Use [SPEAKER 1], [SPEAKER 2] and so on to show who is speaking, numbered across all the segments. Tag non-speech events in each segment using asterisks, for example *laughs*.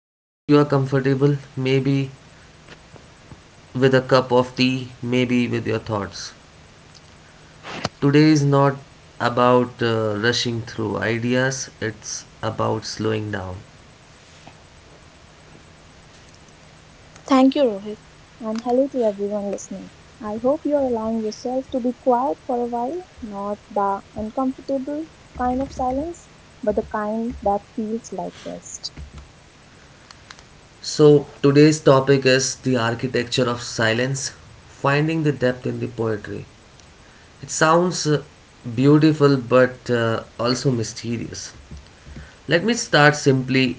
[SPEAKER 1] I hope you are comfortable, maybe with a cup of tea, maybe with your thoughts. Today is not about rushing through ideas, it's about slowing down.
[SPEAKER 2] Thank you, Rohit, and hello to everyone listening. I hope you're allowing yourself to be quiet for a while, not the uncomfortable kind of silence, but the kind that feels like rest.
[SPEAKER 1] So, today's topic is the architecture of silence, finding the depth in the poetry. It sounds beautiful but also mysterious. Let me start simply.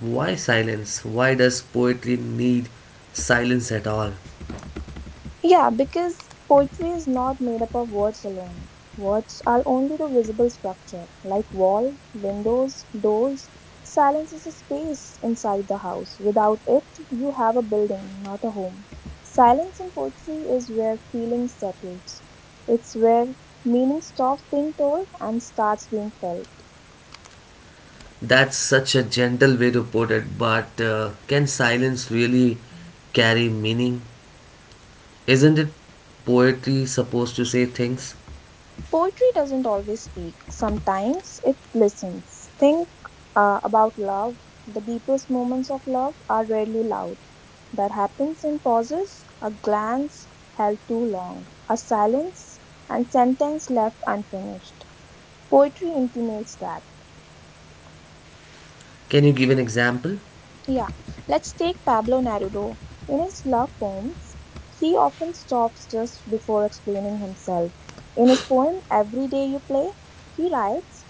[SPEAKER 1] Why silence? Why does poetry need silence at all?
[SPEAKER 2] Yeah, because poetry is not made up of words alone. Words are only the visible structure, like wall, windows, doors. Silence is a space inside the house. Without it, you have a building, not a home. Silence in poetry is where feeling settles. It's where meaning stops being told and starts being felt.
[SPEAKER 1] That's such a gentle way to put it, but can silence really carry meaning? Isn't it poetry supposed to say things?
[SPEAKER 2] Poetry doesn't always speak, sometimes it listens. Think about love. The deepest moments of love are rarely loud. That happens in pauses, a glance held too long, a silence, and sentence left unfinished. Poetry intimates that.
[SPEAKER 1] Can you give an example?
[SPEAKER 2] Yeah, let's take Pablo Neruda. In his love poems, he often stops just before explaining himself. In his poem Every Day You Play, he writes,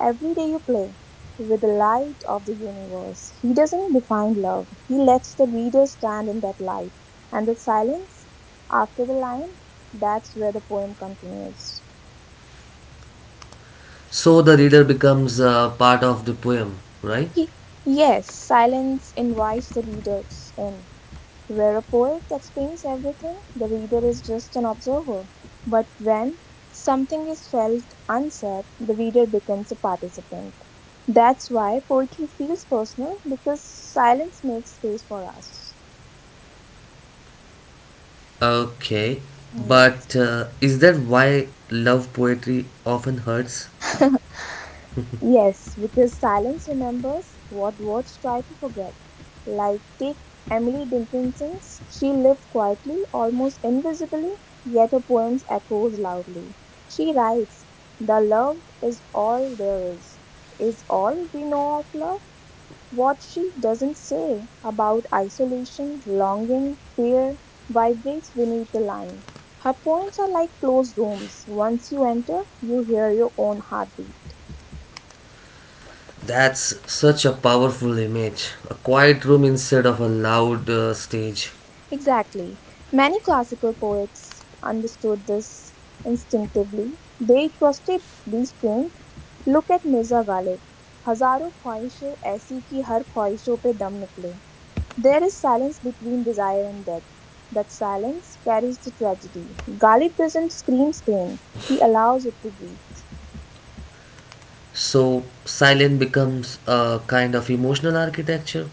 [SPEAKER 2] Every day you play with the light of the universe. He doesn't define love, he lets the reader stand in that light. And the silence after the line, that's where the poem continues.
[SPEAKER 1] So the reader becomes part of the poem, right?
[SPEAKER 2] He- yes, silence invites the readers in. Where a poet explains everything, the reader is just an observer. But when something is felt unsaid, the reader becomes a participant. That's why poetry feels personal because silence makes space for us.
[SPEAKER 1] Okay,
[SPEAKER 2] Yes.
[SPEAKER 1] but is that why love poetry often hurts?
[SPEAKER 2] *laughs* Yes, because silence remembers what words try to forget. Like take Emily Dickinson's, she lived quietly, almost invisibly, yet her poems echoes loudly. She writes, "The love is all there is all we know of love." What she doesn't say about isolation, longing, fear vibrates beneath the line. Her poems are like closed rooms. Once you enter, you hear your own heartbeat.
[SPEAKER 1] That's such a powerful image. A quiet room instead of a loud stage.
[SPEAKER 2] Exactly. Many classical poets understood this instinctively. They trusted restraint. Look at Mirza Ghalib. हजारों ख्वाहिशें ऐसी कि हर ख्वाहिशों पे दम निकले. There is silence between desire and death. That silence carries the tragedy. Ghalib doesn't scream pain. He allows it to breathe.
[SPEAKER 1] So, silence becomes a kind of emotional architecture.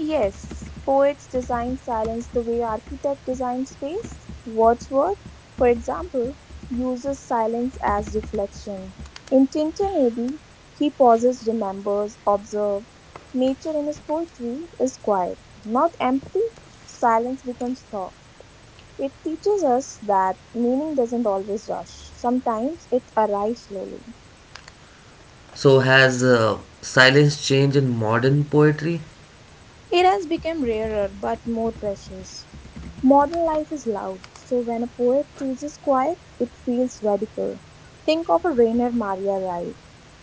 [SPEAKER 2] Yes, poets design silence the way architect designs space. Wordsworth, for example, uses silence as reflection. In Tintin Abbey, he pauses, remembers, observes. Nature in his poetry is quiet, not empty. Silence becomes thought. It teaches us that meaning doesn't always rush. Sometimes it arrives slowly.
[SPEAKER 1] So, has silence changed in modern poetry?
[SPEAKER 2] It has become rarer but more precious. Modern life is loud, so when a poet chooses quiet, it feels radical. Think of a Rainer Maria Rilke.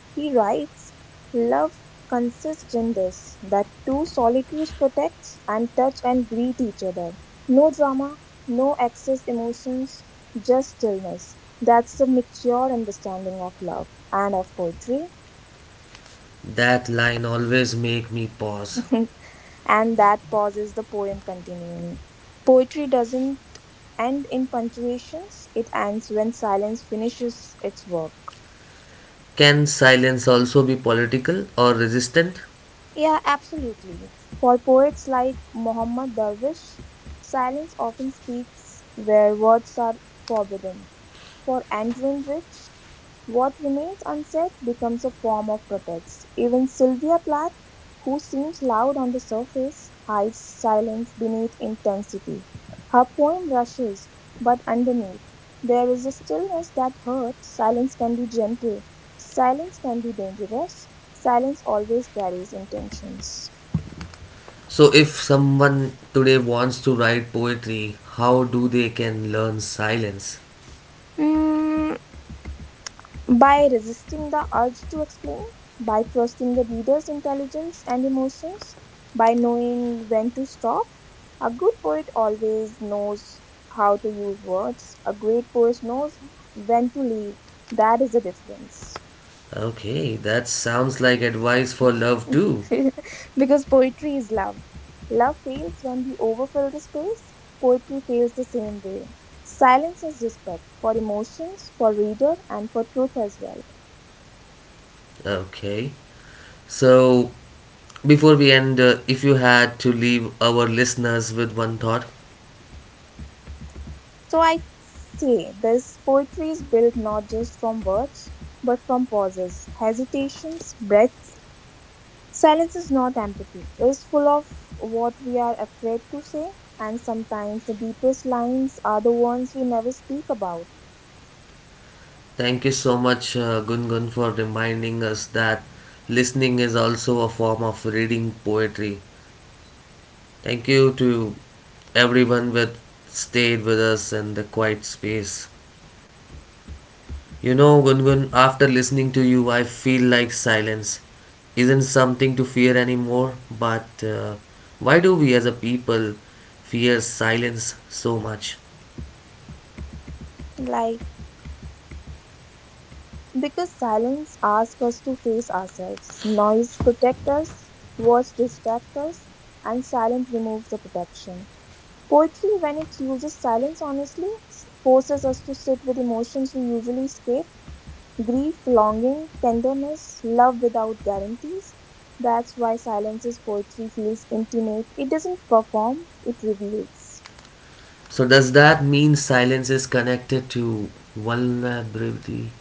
[SPEAKER 2] He writes, Love consists in this, that two solitudes protect and touch and greet each other. No drama, no excess emotions, just stillness. That's the mature understanding of love and of poetry.
[SPEAKER 1] That line always make me pause.
[SPEAKER 2] *laughs* And that pauses the poem continuing. Poetry doesn't. And in punctuations, it ends when silence finishes its work.
[SPEAKER 1] Can silence also be political or resistant?
[SPEAKER 2] Yeah, absolutely. For poets like Mohammed Darwish, silence often speaks where words are forbidden. For Andrew Rich, what remains unsaid becomes a form of protest. Even Sylvia Plath, who seems loud on the surface, hides silence beneath intensity. Her poem rushes, but underneath, there is a stillness that hurts. Silence can be gentle, silence can be dangerous, silence always carries intentions.
[SPEAKER 1] So, if someone today wants to write poetry, how do they can learn silence?
[SPEAKER 2] Mm, by resisting the urge to explain, by trusting the reader's intelligence and emotions, by knowing when to stop, a good poet always knows how to use words. A great poet knows when to leave. That is the difference.
[SPEAKER 1] Okay, that sounds like advice for love too.
[SPEAKER 2] *laughs* Because poetry is love. Love fails when we overfill the space. Poetry fails the same way. Silence is respect for emotions, for reader, and for truth as well.
[SPEAKER 1] Okay. So, before we end, if you had to leave our listeners with one thought,
[SPEAKER 2] So I say this poetry is built not just from words, but from pauses, hesitations, breaths. Silence is not empathy, it is full of what we are afraid to say, and sometimes the deepest lines are the ones we never speak about.
[SPEAKER 1] thank you so much, Gungun, for reminding us that listening is also a form of reading poetry. Thank you to everyone that stayed with us in the quiet space. You know, Gungun, after listening to you, I feel like silence isn't something to fear anymore, but why do we as a people fear silence so much?
[SPEAKER 2] Like, because silence asks us to face ourselves, noise protects us, words distract us, and silence removes the protection. Poetry, when it uses silence honestly, forces us to sit with emotions we usually escape grief, longing, tenderness, love without guarantees. That's why silence's poetry feels intimate. It doesn't perform, it reveals.
[SPEAKER 1] So does that mean silence is connected to vulnerability?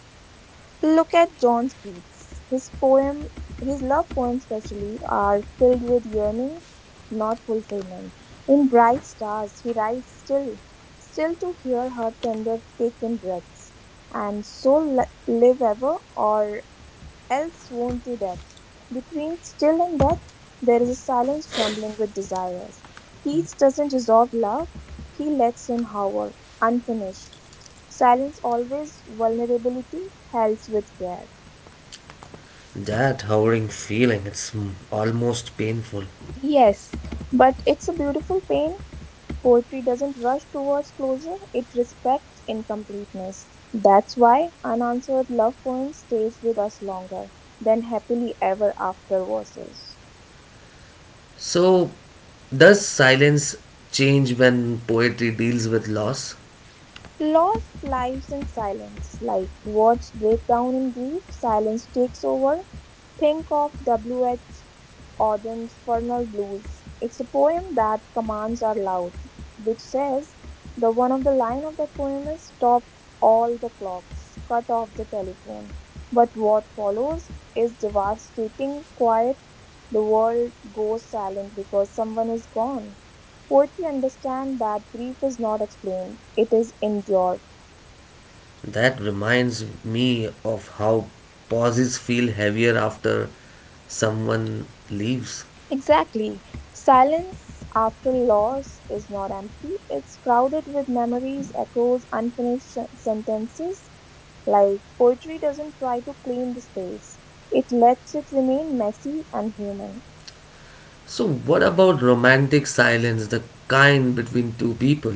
[SPEAKER 2] Look at John Keats. His poem, his love poems especially, are filled with yearning, not fulfillment. In Bright Stars, he writes still, still to hear her tender taken breaths, and so live ever, or else swoon to death. Between still and death, there is a silence trembling with desires. Keats doesn't resolve love, he lets in horror, unfinished. Silence always vulnerability, hells with care.
[SPEAKER 1] That hovering feeling, it's mm, almost painful.
[SPEAKER 2] Yes, but it's a beautiful pain. Poetry doesn't rush towards closure, it respects incompleteness. That's why unanswered love poems stays with us longer than happily ever after verses.
[SPEAKER 1] So does silence change when poetry deals with loss?
[SPEAKER 2] Lost lives in silence, like words break down in grief, silence takes over. Think of W.H. Auden's Fernal Blues. It's a poem that commands are loud, which says the one of the line of that poem is stop all the clocks, cut off the telephone. But what follows is devastating quiet. The world goes silent because someone is gone. Poetry understands that grief is not explained, it is endured.
[SPEAKER 1] That reminds me of how pauses feel heavier after someone leaves.
[SPEAKER 2] Exactly. Silence after loss is not empty. It's crowded with memories, echoes, unfinished sentences. Like poetry doesn't try to clean the space, it lets it remain messy and human.
[SPEAKER 1] So what about romantic silence, the kind between two people?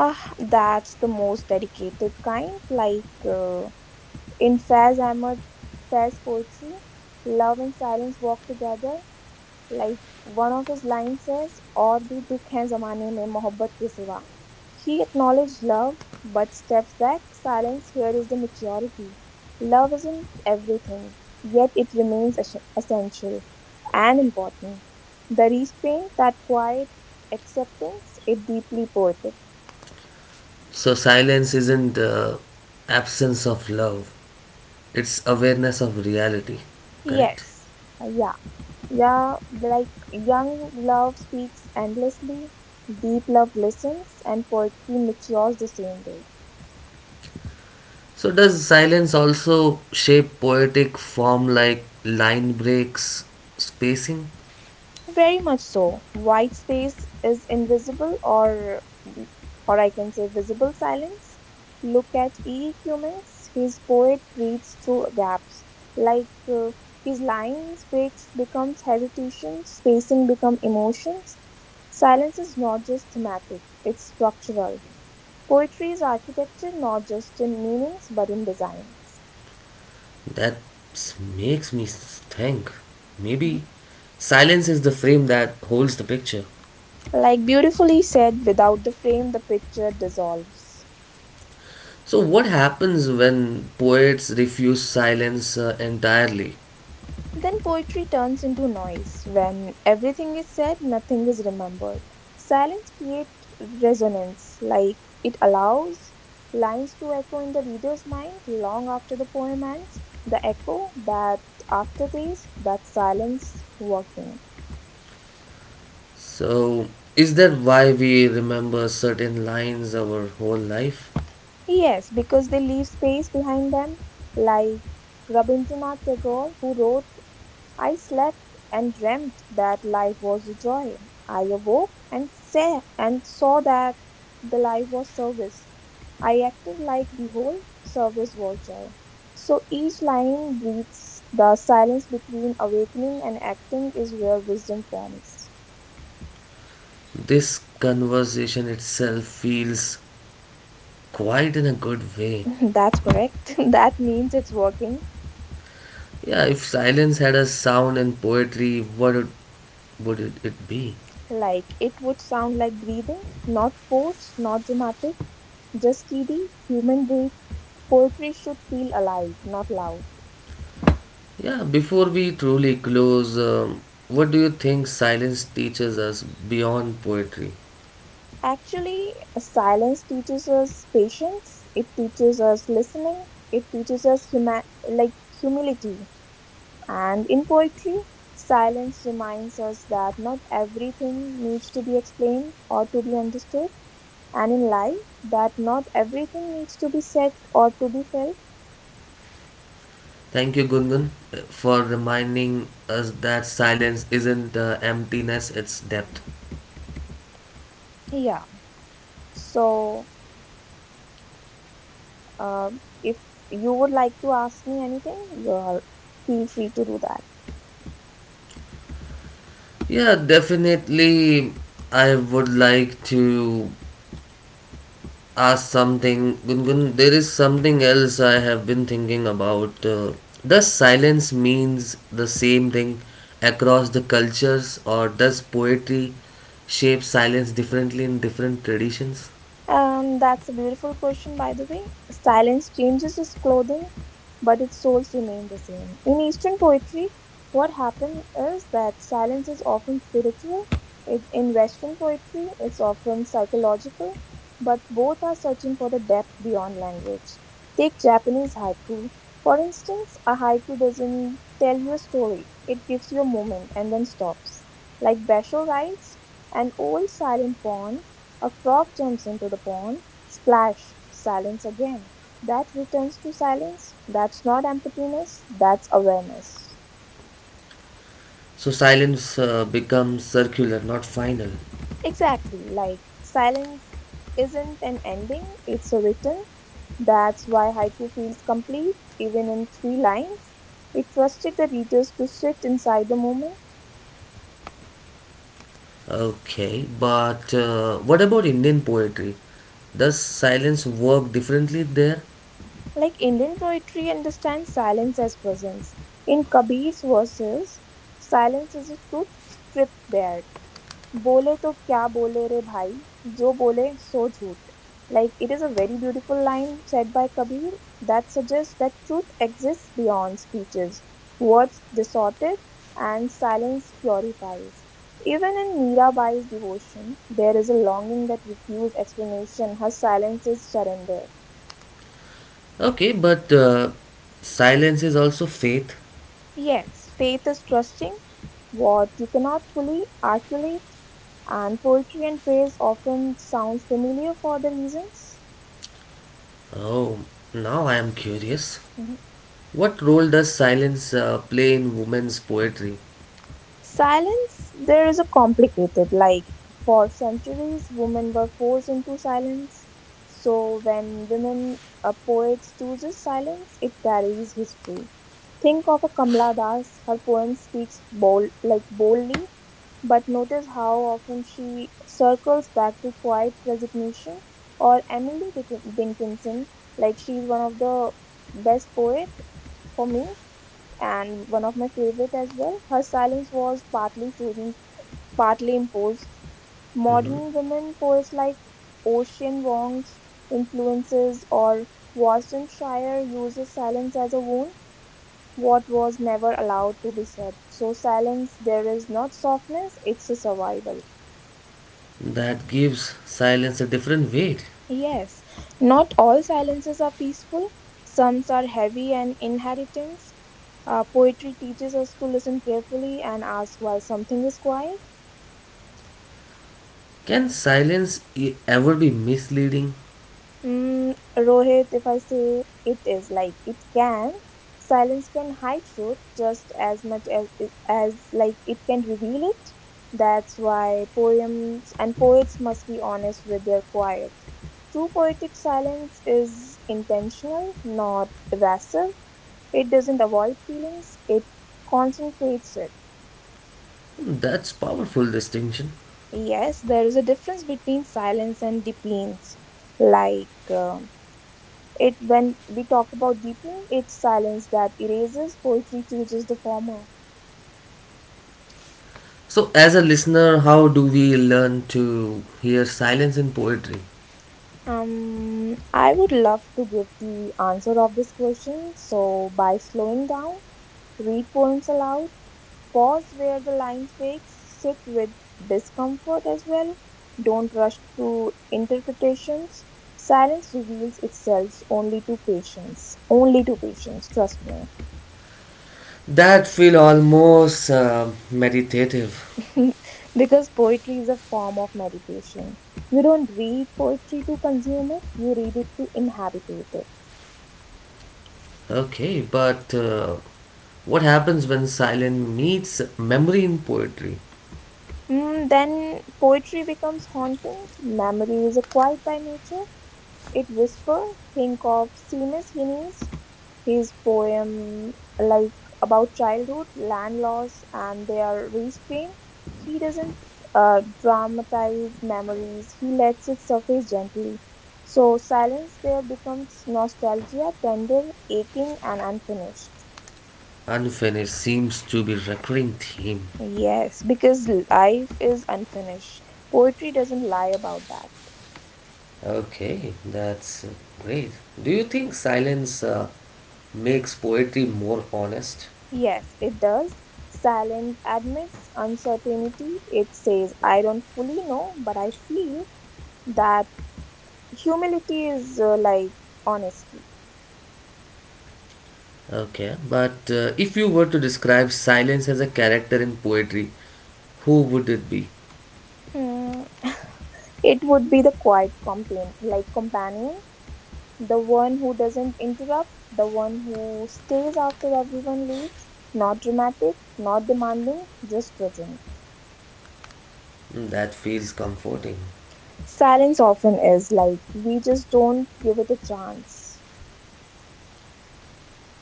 [SPEAKER 2] Ah, that's the most dedicated kind. Like in Faiz Ahmad Faiz poetry, love and silence walk together. Like one of his lines says, और भी दुख हैं जमाने में मोहब्बत के सिवा. He acknowledged love but steps back. Silence here is the maturity. Love isn't everything, yet it remains essential and important. The restraint, that quiet acceptance, it deeply poetic.
[SPEAKER 1] So silence isn't the absence of love. It's awareness of reality, correct?
[SPEAKER 2] Yes. Uh, yeah, yeah, like young love speaks endlessly, deep love listens, and poetry matures the same way.
[SPEAKER 1] So does silence also shape poetic form like line breaks, spacing?
[SPEAKER 2] Very much so. White space is invisible, or I can say visible silence. Look at E. E. Cummings. His poet breathes through gaps. Like his lines breaks becomes hesitation, spacing become emotions. Silence is not just thematic; it's structural. Poetry is architecture, not just in meanings but in designs.
[SPEAKER 1] That makes me think
[SPEAKER 2] Mhm.
[SPEAKER 1] maybe silence is the frame that holds the picture.
[SPEAKER 2] Like beautifully said, without the frame, the picture dissolves.
[SPEAKER 1] So what happens when poets refuse silence entirely?
[SPEAKER 2] Then poetry turns into noise. When everything is said, nothing is remembered. Silence creates resonance, like it allows lines to echo in the reader's mind long after the poem ends. The echo, that aftertaste, that silence working.
[SPEAKER 1] So is that why we remember certain lines our whole life?
[SPEAKER 2] Yes, because they leave space behind them, like Rabindranath Tagore, who wrote I slept and dreamt that life was a joy. I awoke and saw that the life was service. I acted like behold, service was joy. So each line breathes the silence between awakening and acting is where wisdom forms.
[SPEAKER 1] This conversation itself feels quite in a good way.
[SPEAKER 2] *laughs* That's correct. *laughs* That means it's working.
[SPEAKER 1] Yeah, if silence had a sound and poetry, what it, would it, it be?
[SPEAKER 2] Like it would sound like breathing, not forced, not dramatic, just steady, human breath. Poetry should feel alive, not loud.
[SPEAKER 1] Yeah, before we truly close, what do you think silence teaches us beyond poetry?
[SPEAKER 2] Actually, silence teaches us patience, it teaches us listening, it teaches us humility. And in poetry, silence reminds us that not everything needs to be explained or to be understood, and in life, that not everything needs to be said or to be felt.
[SPEAKER 1] Thank you, Gungun, for reminding us that silence isn't emptiness, it's depth.
[SPEAKER 2] Yeah. So, if you would like to ask me anything, you're feel free to do that.
[SPEAKER 1] Yeah, definitely. I would like to ask something. Gungun, there is something else I have been thinking about. Does silence means the same thing across the cultures, or does poetry shape silence differently in different traditions?
[SPEAKER 2] That's a beautiful question, by the way. Silence changes its clothing, but its souls remain the same. In Eastern poetry, what happened is that silence is often spiritual. It, in Western poetry, it's often psychological, but both are searching for the depth beyond language. Take Japanese haiku. For instance, a haiku doesn't tell you a story, it gives you a moment and then stops. Like Basho writes, an old silent pond a frog jumps into the pond. Splash! Silence again. That returns to silence. That's not emptiness, that's awareness.
[SPEAKER 1] So silence becomes circular, not final.
[SPEAKER 2] Exactly, like silence isn't an ending, it's a return. That's why haiku feels complete, even in three lines. It trusted the readers to sit inside the moment.
[SPEAKER 1] Okay, but what about Indian poetry? Does silence work differently there?
[SPEAKER 2] Like Indian poetry understands silence as presence. In Kabir's verses, silence is a truth stripped bare. "बोले तो क्या बोले रे भाई जो बोले सो झूठ." Like it is a very beautiful line said by Kabir that suggests that truth exists beyond speeches, words distorted, and silence purifies. Even in Mirabai's devotion, there is a longing that refuses explanation. Her silence is surrender.
[SPEAKER 1] Okay, but silence is also faith.
[SPEAKER 2] Yes, faith is trusting what you cannot fully articulate, and poetry and praise often sounds familiar for the reasons.
[SPEAKER 1] Oh, now I am curious.
[SPEAKER 2] Mhm.
[SPEAKER 1] What role does silence play in women's poetry?
[SPEAKER 2] Silence, there is a complicated, like for centuries, women were forced into silence. So when women, a poet chooses silence, it carries history. Think of a Kamla Das, her poem speaks bold, like boldly, but notice how often she circles back to quiet resignation. Or Dickinson, like she's one of the best poet for me and one of my favorite as well. Her silence was partly chosen, partly imposed.
[SPEAKER 1] Mhm.
[SPEAKER 2] Modern women poets like Ocean Wong's influences or Watson Shire uses silence as a wound, what was never allowed to be said. So silence there is not softness, it's a survival.
[SPEAKER 1] That gives silence a different weight.
[SPEAKER 2] Yes, not all silences are peaceful. Some are heavy and inheritance. Poetry teaches us to listen carefully and ask why something is quiet.
[SPEAKER 1] Can silence ever be misleading?
[SPEAKER 2] Mm, Rohit, if I say it is like it can, silence can hide truth just as much as it can reveal it. That's why poems and poets must be honest with their quiet. True poetic silence is intentional, not evasive. It doesn't avoid feelings, it concentrates it.
[SPEAKER 1] Hmm, that's powerful distinction.
[SPEAKER 2] Yes, there is a difference between silence and deepens, like. um It when we talk about deepens, it's silence that erases, poetry chooses the former.
[SPEAKER 1] So, as a listener, how do we learn to hear silence in poetry?
[SPEAKER 2] I would love to give the answer of this question. So by slowing down, read poems aloud, pause where the lines break, sit with discomfort as well. Don't rush to interpretations. Silence reveals itself only to patience. Only to patience, trust me.
[SPEAKER 1] That feel almost meditative.
[SPEAKER 2] *laughs* Because poetry is a form of meditation. You don't read poetry to consume it, you read it to inhabit it.
[SPEAKER 1] Okay, but what happens when silence meets memory in poetry?
[SPEAKER 2] Mm, then poetry becomes haunting. Memory is a quiet by nature. It whispers, think of Seamus Heaney's his poem, like about childhood, land loss, and their restraint, he doesn't dramatize memories. He lets it surface gently. So silence there becomes nostalgia, tender, aching, and unfinished.
[SPEAKER 1] Unfinished seems to be recurring theme.
[SPEAKER 2] Yes, because life is unfinished. Poetry doesn't lie about that.
[SPEAKER 1] Okay, that's great. Do you think silence makes poetry more honest?
[SPEAKER 2] Yes, it does. Silent admits uncertainty. It says, I don't fully know, but I feel that humility is honesty.
[SPEAKER 1] Okay, but if you were to describe silence as a character in poetry, who would it be?
[SPEAKER 2] Hmm. *laughs* It would be the quiet companion, like companion, the one who doesn't interrupt, the one who stays after everyone leaves, not dramatic, not demanding, just present.
[SPEAKER 1] Mm, that feels comforting.
[SPEAKER 2] Silence often is like we just don't give it a chance.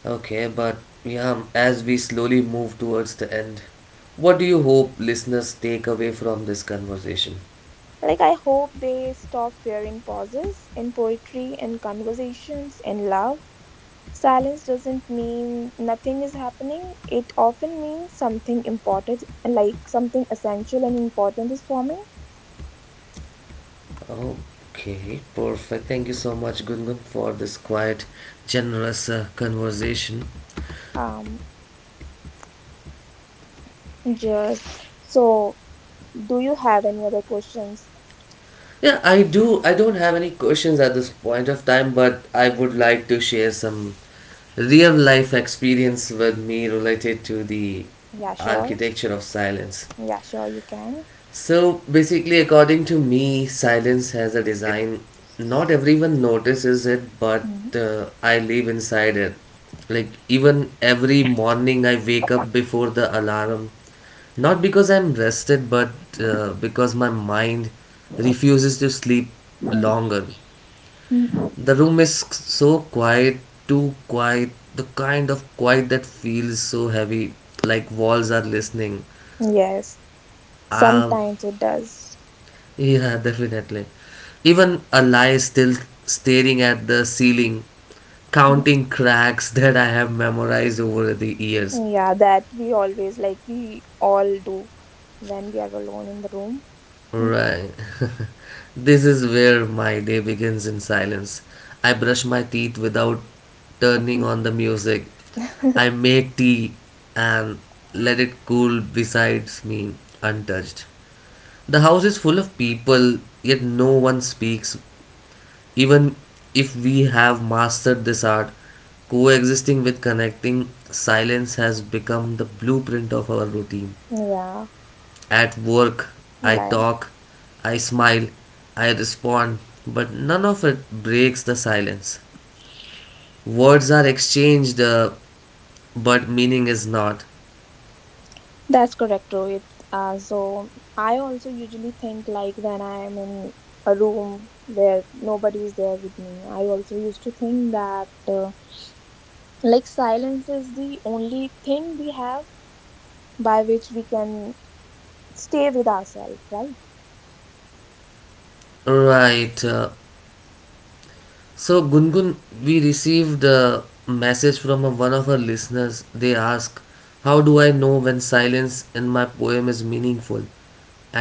[SPEAKER 1] Okay, but yeah, as we slowly move towards the end, what do you hope listeners take away from this conversation?
[SPEAKER 2] Like I hope they stop fearing pauses in poetry in conversations in love. Silence doesn't mean nothing is happening. It often means something important, like something essential and important is forming.
[SPEAKER 1] Okay, perfect. Thank you so much, Gungun, for this quiet, generous conversation.
[SPEAKER 2] Um, just so, do you have any other questions?
[SPEAKER 1] Yeah, I do. I don't have any questions at this point of time, but I would like to share some real life experience with me related to the
[SPEAKER 2] Yeah, sure.
[SPEAKER 1] architecture of silence.
[SPEAKER 2] Yeah, sure, you can.
[SPEAKER 1] So basically, according to me, silence has a design. Not everyone notices it, but I live inside it. Like, even every morning, I wake up before the alarm. Not because I'm rested, but because my mind refuses to sleep
[SPEAKER 2] Mhm.
[SPEAKER 1] longer.
[SPEAKER 2] Mhm.
[SPEAKER 1] The room is so quiet, too quiet, the kind of quiet that feels so heavy, like walls are listening.
[SPEAKER 2] Yes,
[SPEAKER 1] Um,
[SPEAKER 2] sometimes it does. *laughs*
[SPEAKER 1] Yeah, definitely. Even a lie still staring at the ceiling, counting cracks *laughs* that I have memorized over the years.
[SPEAKER 2] Mhm. Yeah, that we always like, we all do when we are alone in the room.
[SPEAKER 1] Right. *laughs* This is where my day begins in silence. I brush my teeth without turning
[SPEAKER 2] Mhm.
[SPEAKER 1] on the music. I
[SPEAKER 2] *laughs*
[SPEAKER 1] make tea and let it cool beside me untouched. The house is full of people, yet no one speaks. Even if we have mastered this art, coexisting with connecting silence has become the blueprint of our routine.
[SPEAKER 2] Yeah,
[SPEAKER 1] At work, I
[SPEAKER 2] like.
[SPEAKER 1] talk, I smile, I respond, but none of it breaks the silence. Words are exchanged, but meaning is not.
[SPEAKER 2] That's correct, Rohit. So I also usually think like when I am in a room where nobody is there with me, I also used to think that silence is the only thing we have by which we can stay with ourselves, right?
[SPEAKER 1] Right. So Gungun, we received a message from one of our listeners. They ask, "How do I know when silence in my poem is meaningful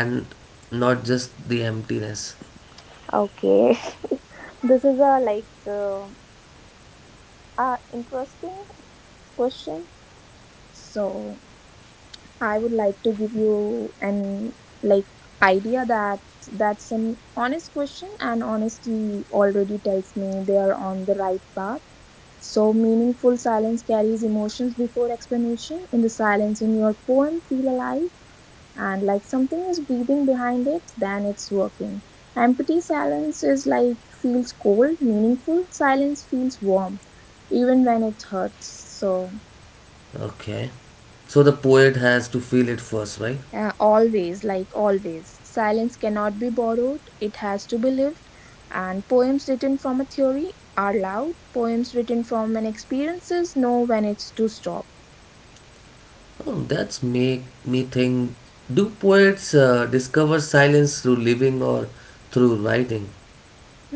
[SPEAKER 1] and not just the emptiness?"
[SPEAKER 2] Okay, *laughs* this is a a interesting question. So I would like to give you an like idea that that's an honest question, and honesty already tells me they are on the right path. So meaningful silence carries emotions before explanation. In the silence in your poem feel alive and like something is breathing behind it, then it's working. Empty silence is like feels cold, meaningful silence feels warm even when it hurts. So
[SPEAKER 1] Okay. So the poet has to feel it first, right?
[SPEAKER 2] Always, silence cannot be borrowed, it has to be lived. And poems written from a theory are loud, poems written from an experiences know when it's to stop.
[SPEAKER 1] Oh, that's make me think. Do poets discover silence through living or through writing?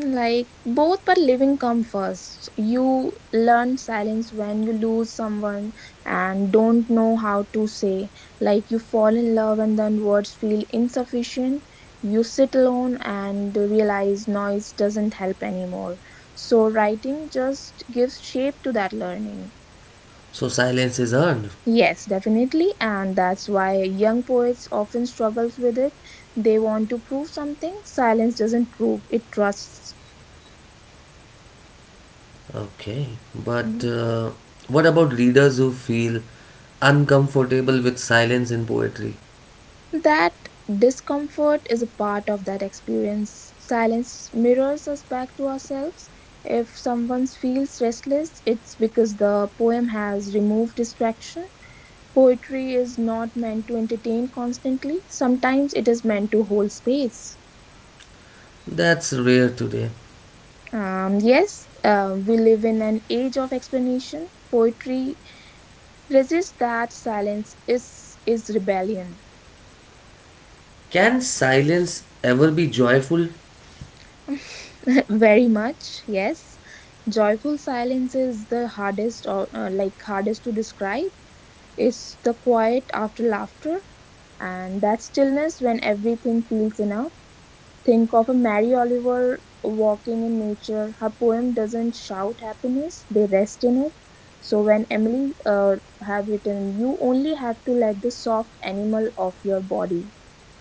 [SPEAKER 2] Like both, but living come first. You learn silence when you lose someone and don't know how to say. Like you fall in love and then words feel insufficient. You sit alone and realize noise doesn't help anymore. So, writing just gives shape to that learning.
[SPEAKER 1] So silence is earned.
[SPEAKER 2] Yes, definitely, and that's why young poets often struggles with it. They want to prove something. Silence doesn't prove, it trusts.
[SPEAKER 1] Okay. But what about readers who feel uncomfortable with silence in poetry?
[SPEAKER 2] That discomfort is a part of that experience. Silence mirrors us back to ourselves. If someone feels restless, it's because the poem has removed distraction. Poetry is not meant to entertain constantly, sometimes it is meant to hold space.
[SPEAKER 1] That's rare today.
[SPEAKER 2] Yes, we live in an age of explanation. Poetry resists that silence is rebellion.
[SPEAKER 1] Can silence ever be joyful?
[SPEAKER 2] *laughs* Very much, yes. Joyful silence is the hardest, or hardest to describe. It's the quiet after laughter, and that stillness when everything feels enough. Think of a Mary Oliver walking in nature. Her poem doesn't shout happiness; they rest in it. So when Emily have written, you only have to let the soft animal of your body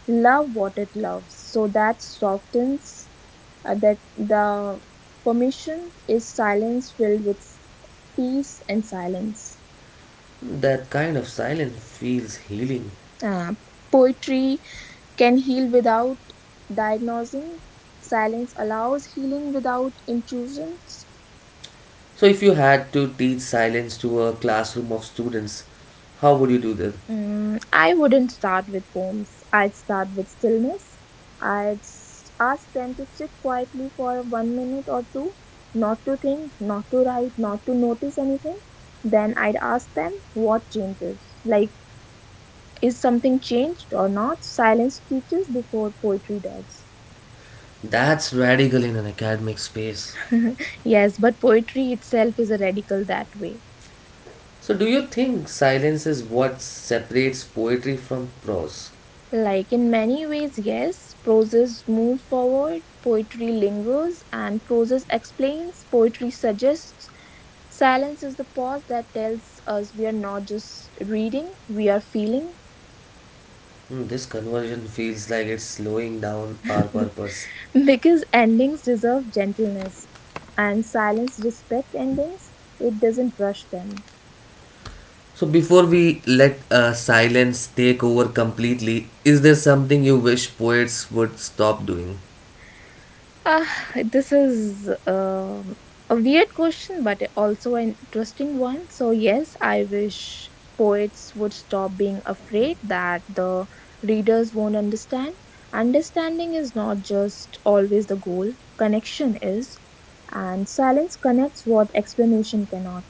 [SPEAKER 2] love what it loves, so that softens that the permission is silence filled with peace and silence.
[SPEAKER 1] That kind of silence feels healing.
[SPEAKER 2] Uh, Poetry can heal without diagnosing. Silence allows healing without intrusions.
[SPEAKER 1] So, if you had to teach silence to a classroom of students, how would you do that?
[SPEAKER 2] Mm, I wouldn't start with poems. I'd start with stillness. Ask them to sit quietly for 1 minute or two, not to think, not to write, not to notice anything. Then I'd ask them what changes. Like, is something changed or not? Silence teaches before poetry does.
[SPEAKER 1] That's radical in an academic space.
[SPEAKER 2] *laughs* Yes, but poetry itself is a radical that way.
[SPEAKER 1] So, do you think silence is what separates poetry from prose?
[SPEAKER 2] Like in many ways, yes, prose moves forward, poetry lingers, and prose explains, poetry suggests. Silence is the pause that tells us we are not just reading, we are feeling.
[SPEAKER 1] Hmm, this conversion feels like it's slowing down our purpose.
[SPEAKER 2] *laughs* Because endings deserve gentleness, and silence respect endings, it doesn't rush them.
[SPEAKER 1] So before we let silence take over completely, is there something you wish poets would stop doing?
[SPEAKER 2] Ah, this is a weird question, but also an interesting one. So, yes, I wish poets would stop being afraid that the readers won't understand. Understanding is not just always the goal, connection is, and silence connects what explanation cannot.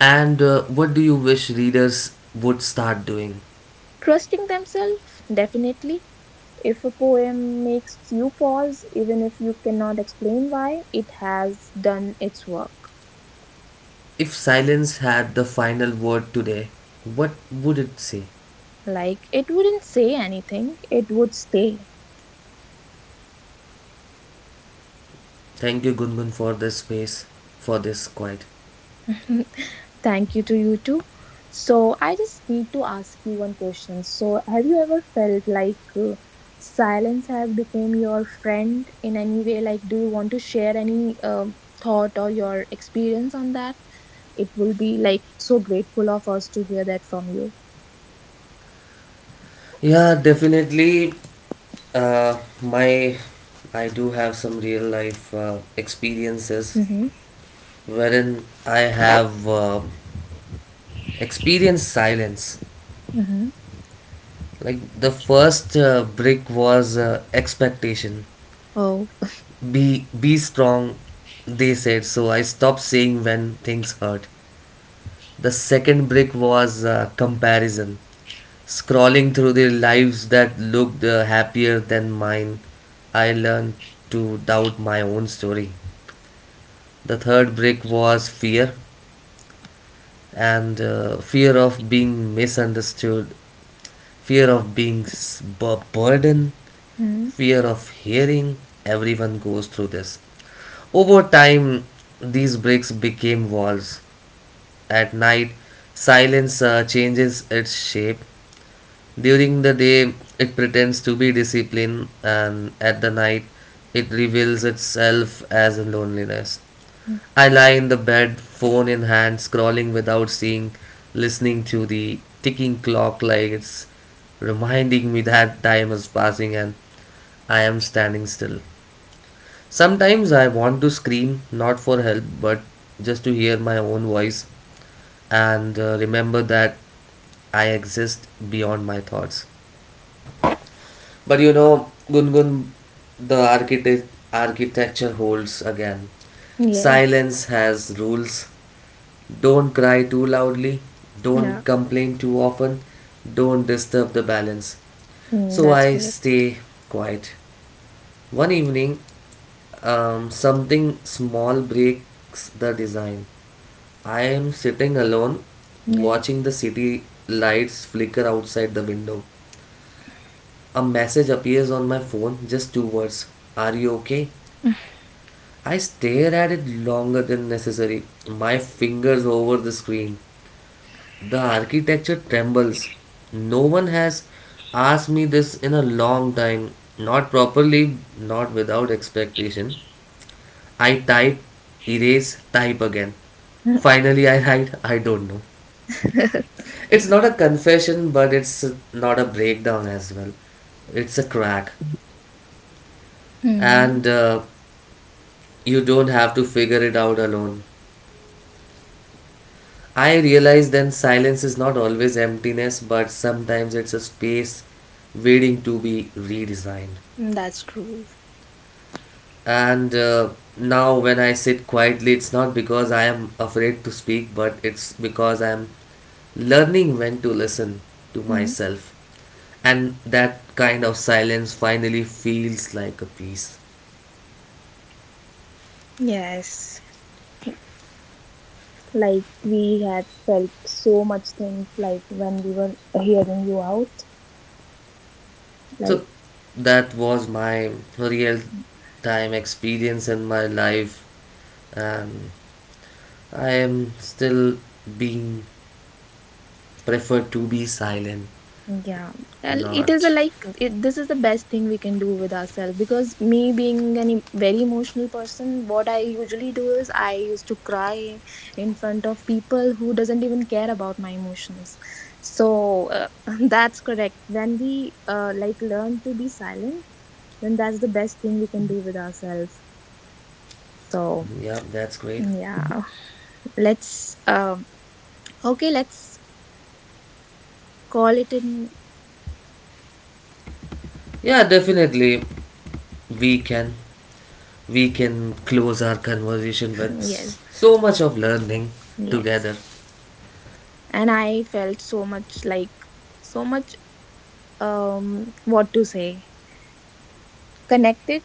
[SPEAKER 1] And what do you wish readers would start doing?
[SPEAKER 2] Trusting themselves, definitely. If a poem makes you pause, even if you cannot explain why, it has done its work.
[SPEAKER 1] If silence had the final word today, what would it say?
[SPEAKER 2] Like, it wouldn't say anything, it would stay.
[SPEAKER 1] Thank you, Gungun, for this space, for this quiet.
[SPEAKER 2] *laughs* Thank you to you too. So, I just need to ask you one question. So, have you ever felt like silence has become your friend in any way? Like, do you want to share any thought or your experience on that? It will be like so grateful of us to hear that from you.
[SPEAKER 1] Yeah, definitely. Uh, my, I do have some real life experiences
[SPEAKER 2] Mm-hmm.
[SPEAKER 1] wherein I have experienced silence,
[SPEAKER 2] Mm-hmm.
[SPEAKER 1] like the first brick was expectation.
[SPEAKER 2] Oh.
[SPEAKER 1] Be strong, they said, so I stopped saying when things hurt. The second brick was comparison, scrolling through their lives that looked happier than mine. I learned to doubt my own story. The third brick was fear, and fear of being misunderstood, fear of being burdened,
[SPEAKER 2] Mm-hmm.
[SPEAKER 1] fear of hearing. Everyone goes through this. Over time, these bricks became walls. At night, silence changes its shape. During the day, it pretends to be discipline, and at the night, it reveals itself as loneliness. I lie in the bed, phone in hand, scrolling without seeing, listening to the ticking clock like it's reminding me that time is passing and I am standing still. Sometimes I want to scream, not for help, but just to hear my own voice and remember that I exist beyond my thoughts. But you know, Gungun, the architect, architecture holds again.
[SPEAKER 2] Yes.
[SPEAKER 1] Silence has rules. Don't cry too loudly. Don't
[SPEAKER 2] Yeah.
[SPEAKER 1] complain too often. Don't disturb the balance.
[SPEAKER 2] Mm,
[SPEAKER 1] So
[SPEAKER 2] that's
[SPEAKER 1] I
[SPEAKER 2] correct.
[SPEAKER 1] stay quiet. One evening, something small breaks the design. I am sitting alone,
[SPEAKER 2] Yes.
[SPEAKER 1] watching the city lights flicker outside the window. A message appears on my phone, just two words. Are you okay? I stare at it longer than necessary, my fingers over the screen. The architecture trembles. No one has asked me this in a long time, not properly, not without expectation. I type, erase, type again. Finally, I write, I don't know. It's not a confession, but it's not a breakdown as well. It's a crack.
[SPEAKER 2] *laughs*
[SPEAKER 1] And
[SPEAKER 2] Hmm.
[SPEAKER 1] you don't have to figure it out alone. I realize then silence is not always emptiness, but sometimes it's a space waiting to be redesigned.
[SPEAKER 2] Mm, that's true.
[SPEAKER 1] And now, when I sit quietly, it's not because I am afraid to speak, but it's because I am learning when to listen to
[SPEAKER 2] Mm.
[SPEAKER 1] myself, and that kind of silence finally feels like a peace.
[SPEAKER 2] Yes. Like we had felt so much things like when we were hearing you out. Like
[SPEAKER 1] So that was my real time experience in my life, and I am still being preferred to be silent.
[SPEAKER 2] Yeah. And it is a
[SPEAKER 1] Not
[SPEAKER 2] this is the best thing we can do with ourselves because me being a very emotional person, what I usually do is I used to cry in front of people who doesn't even care about my emotions. So *laughs* that's correct. When we learn to be silent, then that's the best thing we can do with ourselves. So
[SPEAKER 1] yeah, that's great.
[SPEAKER 2] yeah, let's okay, let's call it in.
[SPEAKER 1] Yeah, definitely, we can we can close our conversation with
[SPEAKER 2] *laughs* Yes,
[SPEAKER 1] so much of learning
[SPEAKER 2] yes.
[SPEAKER 1] together.
[SPEAKER 2] And I felt so much like so much what to say. Connected,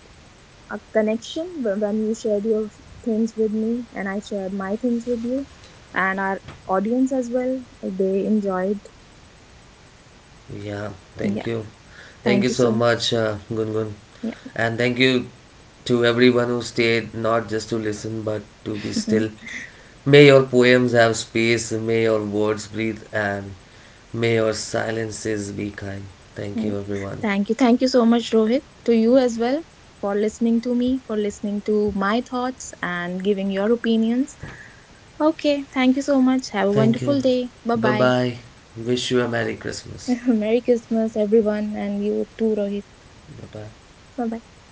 [SPEAKER 2] a connection when you shared your things with me and I shared my things with you and our audience as well. They enjoyed.
[SPEAKER 1] Yeah, thank
[SPEAKER 2] Yeah.
[SPEAKER 1] you. Thank
[SPEAKER 2] Thank
[SPEAKER 1] you
[SPEAKER 2] you
[SPEAKER 1] so
[SPEAKER 2] so
[SPEAKER 1] much, Gungun.
[SPEAKER 2] yeah.
[SPEAKER 1] And thank you to everyone who stayed, not just to listen, but to be still.
[SPEAKER 2] *laughs*
[SPEAKER 1] May your poems have space, may your words breathe, and may your silences be kind. Thank
[SPEAKER 2] Mm.
[SPEAKER 1] you, everyone.
[SPEAKER 2] Thank you. Thank you so much, Rohit, to you as well for listening to me, for listening to my thoughts and giving your opinions. Okay. Thank you so much. Have a
[SPEAKER 1] Thank you.
[SPEAKER 2] wonderful day. Bye
[SPEAKER 1] Bye
[SPEAKER 2] bye.
[SPEAKER 1] bye. Wish you a Merry Christmas.
[SPEAKER 2] *laughs* Merry Christmas, everyone, and you too, Rohit.
[SPEAKER 1] Bye bye.
[SPEAKER 2] Bye bye.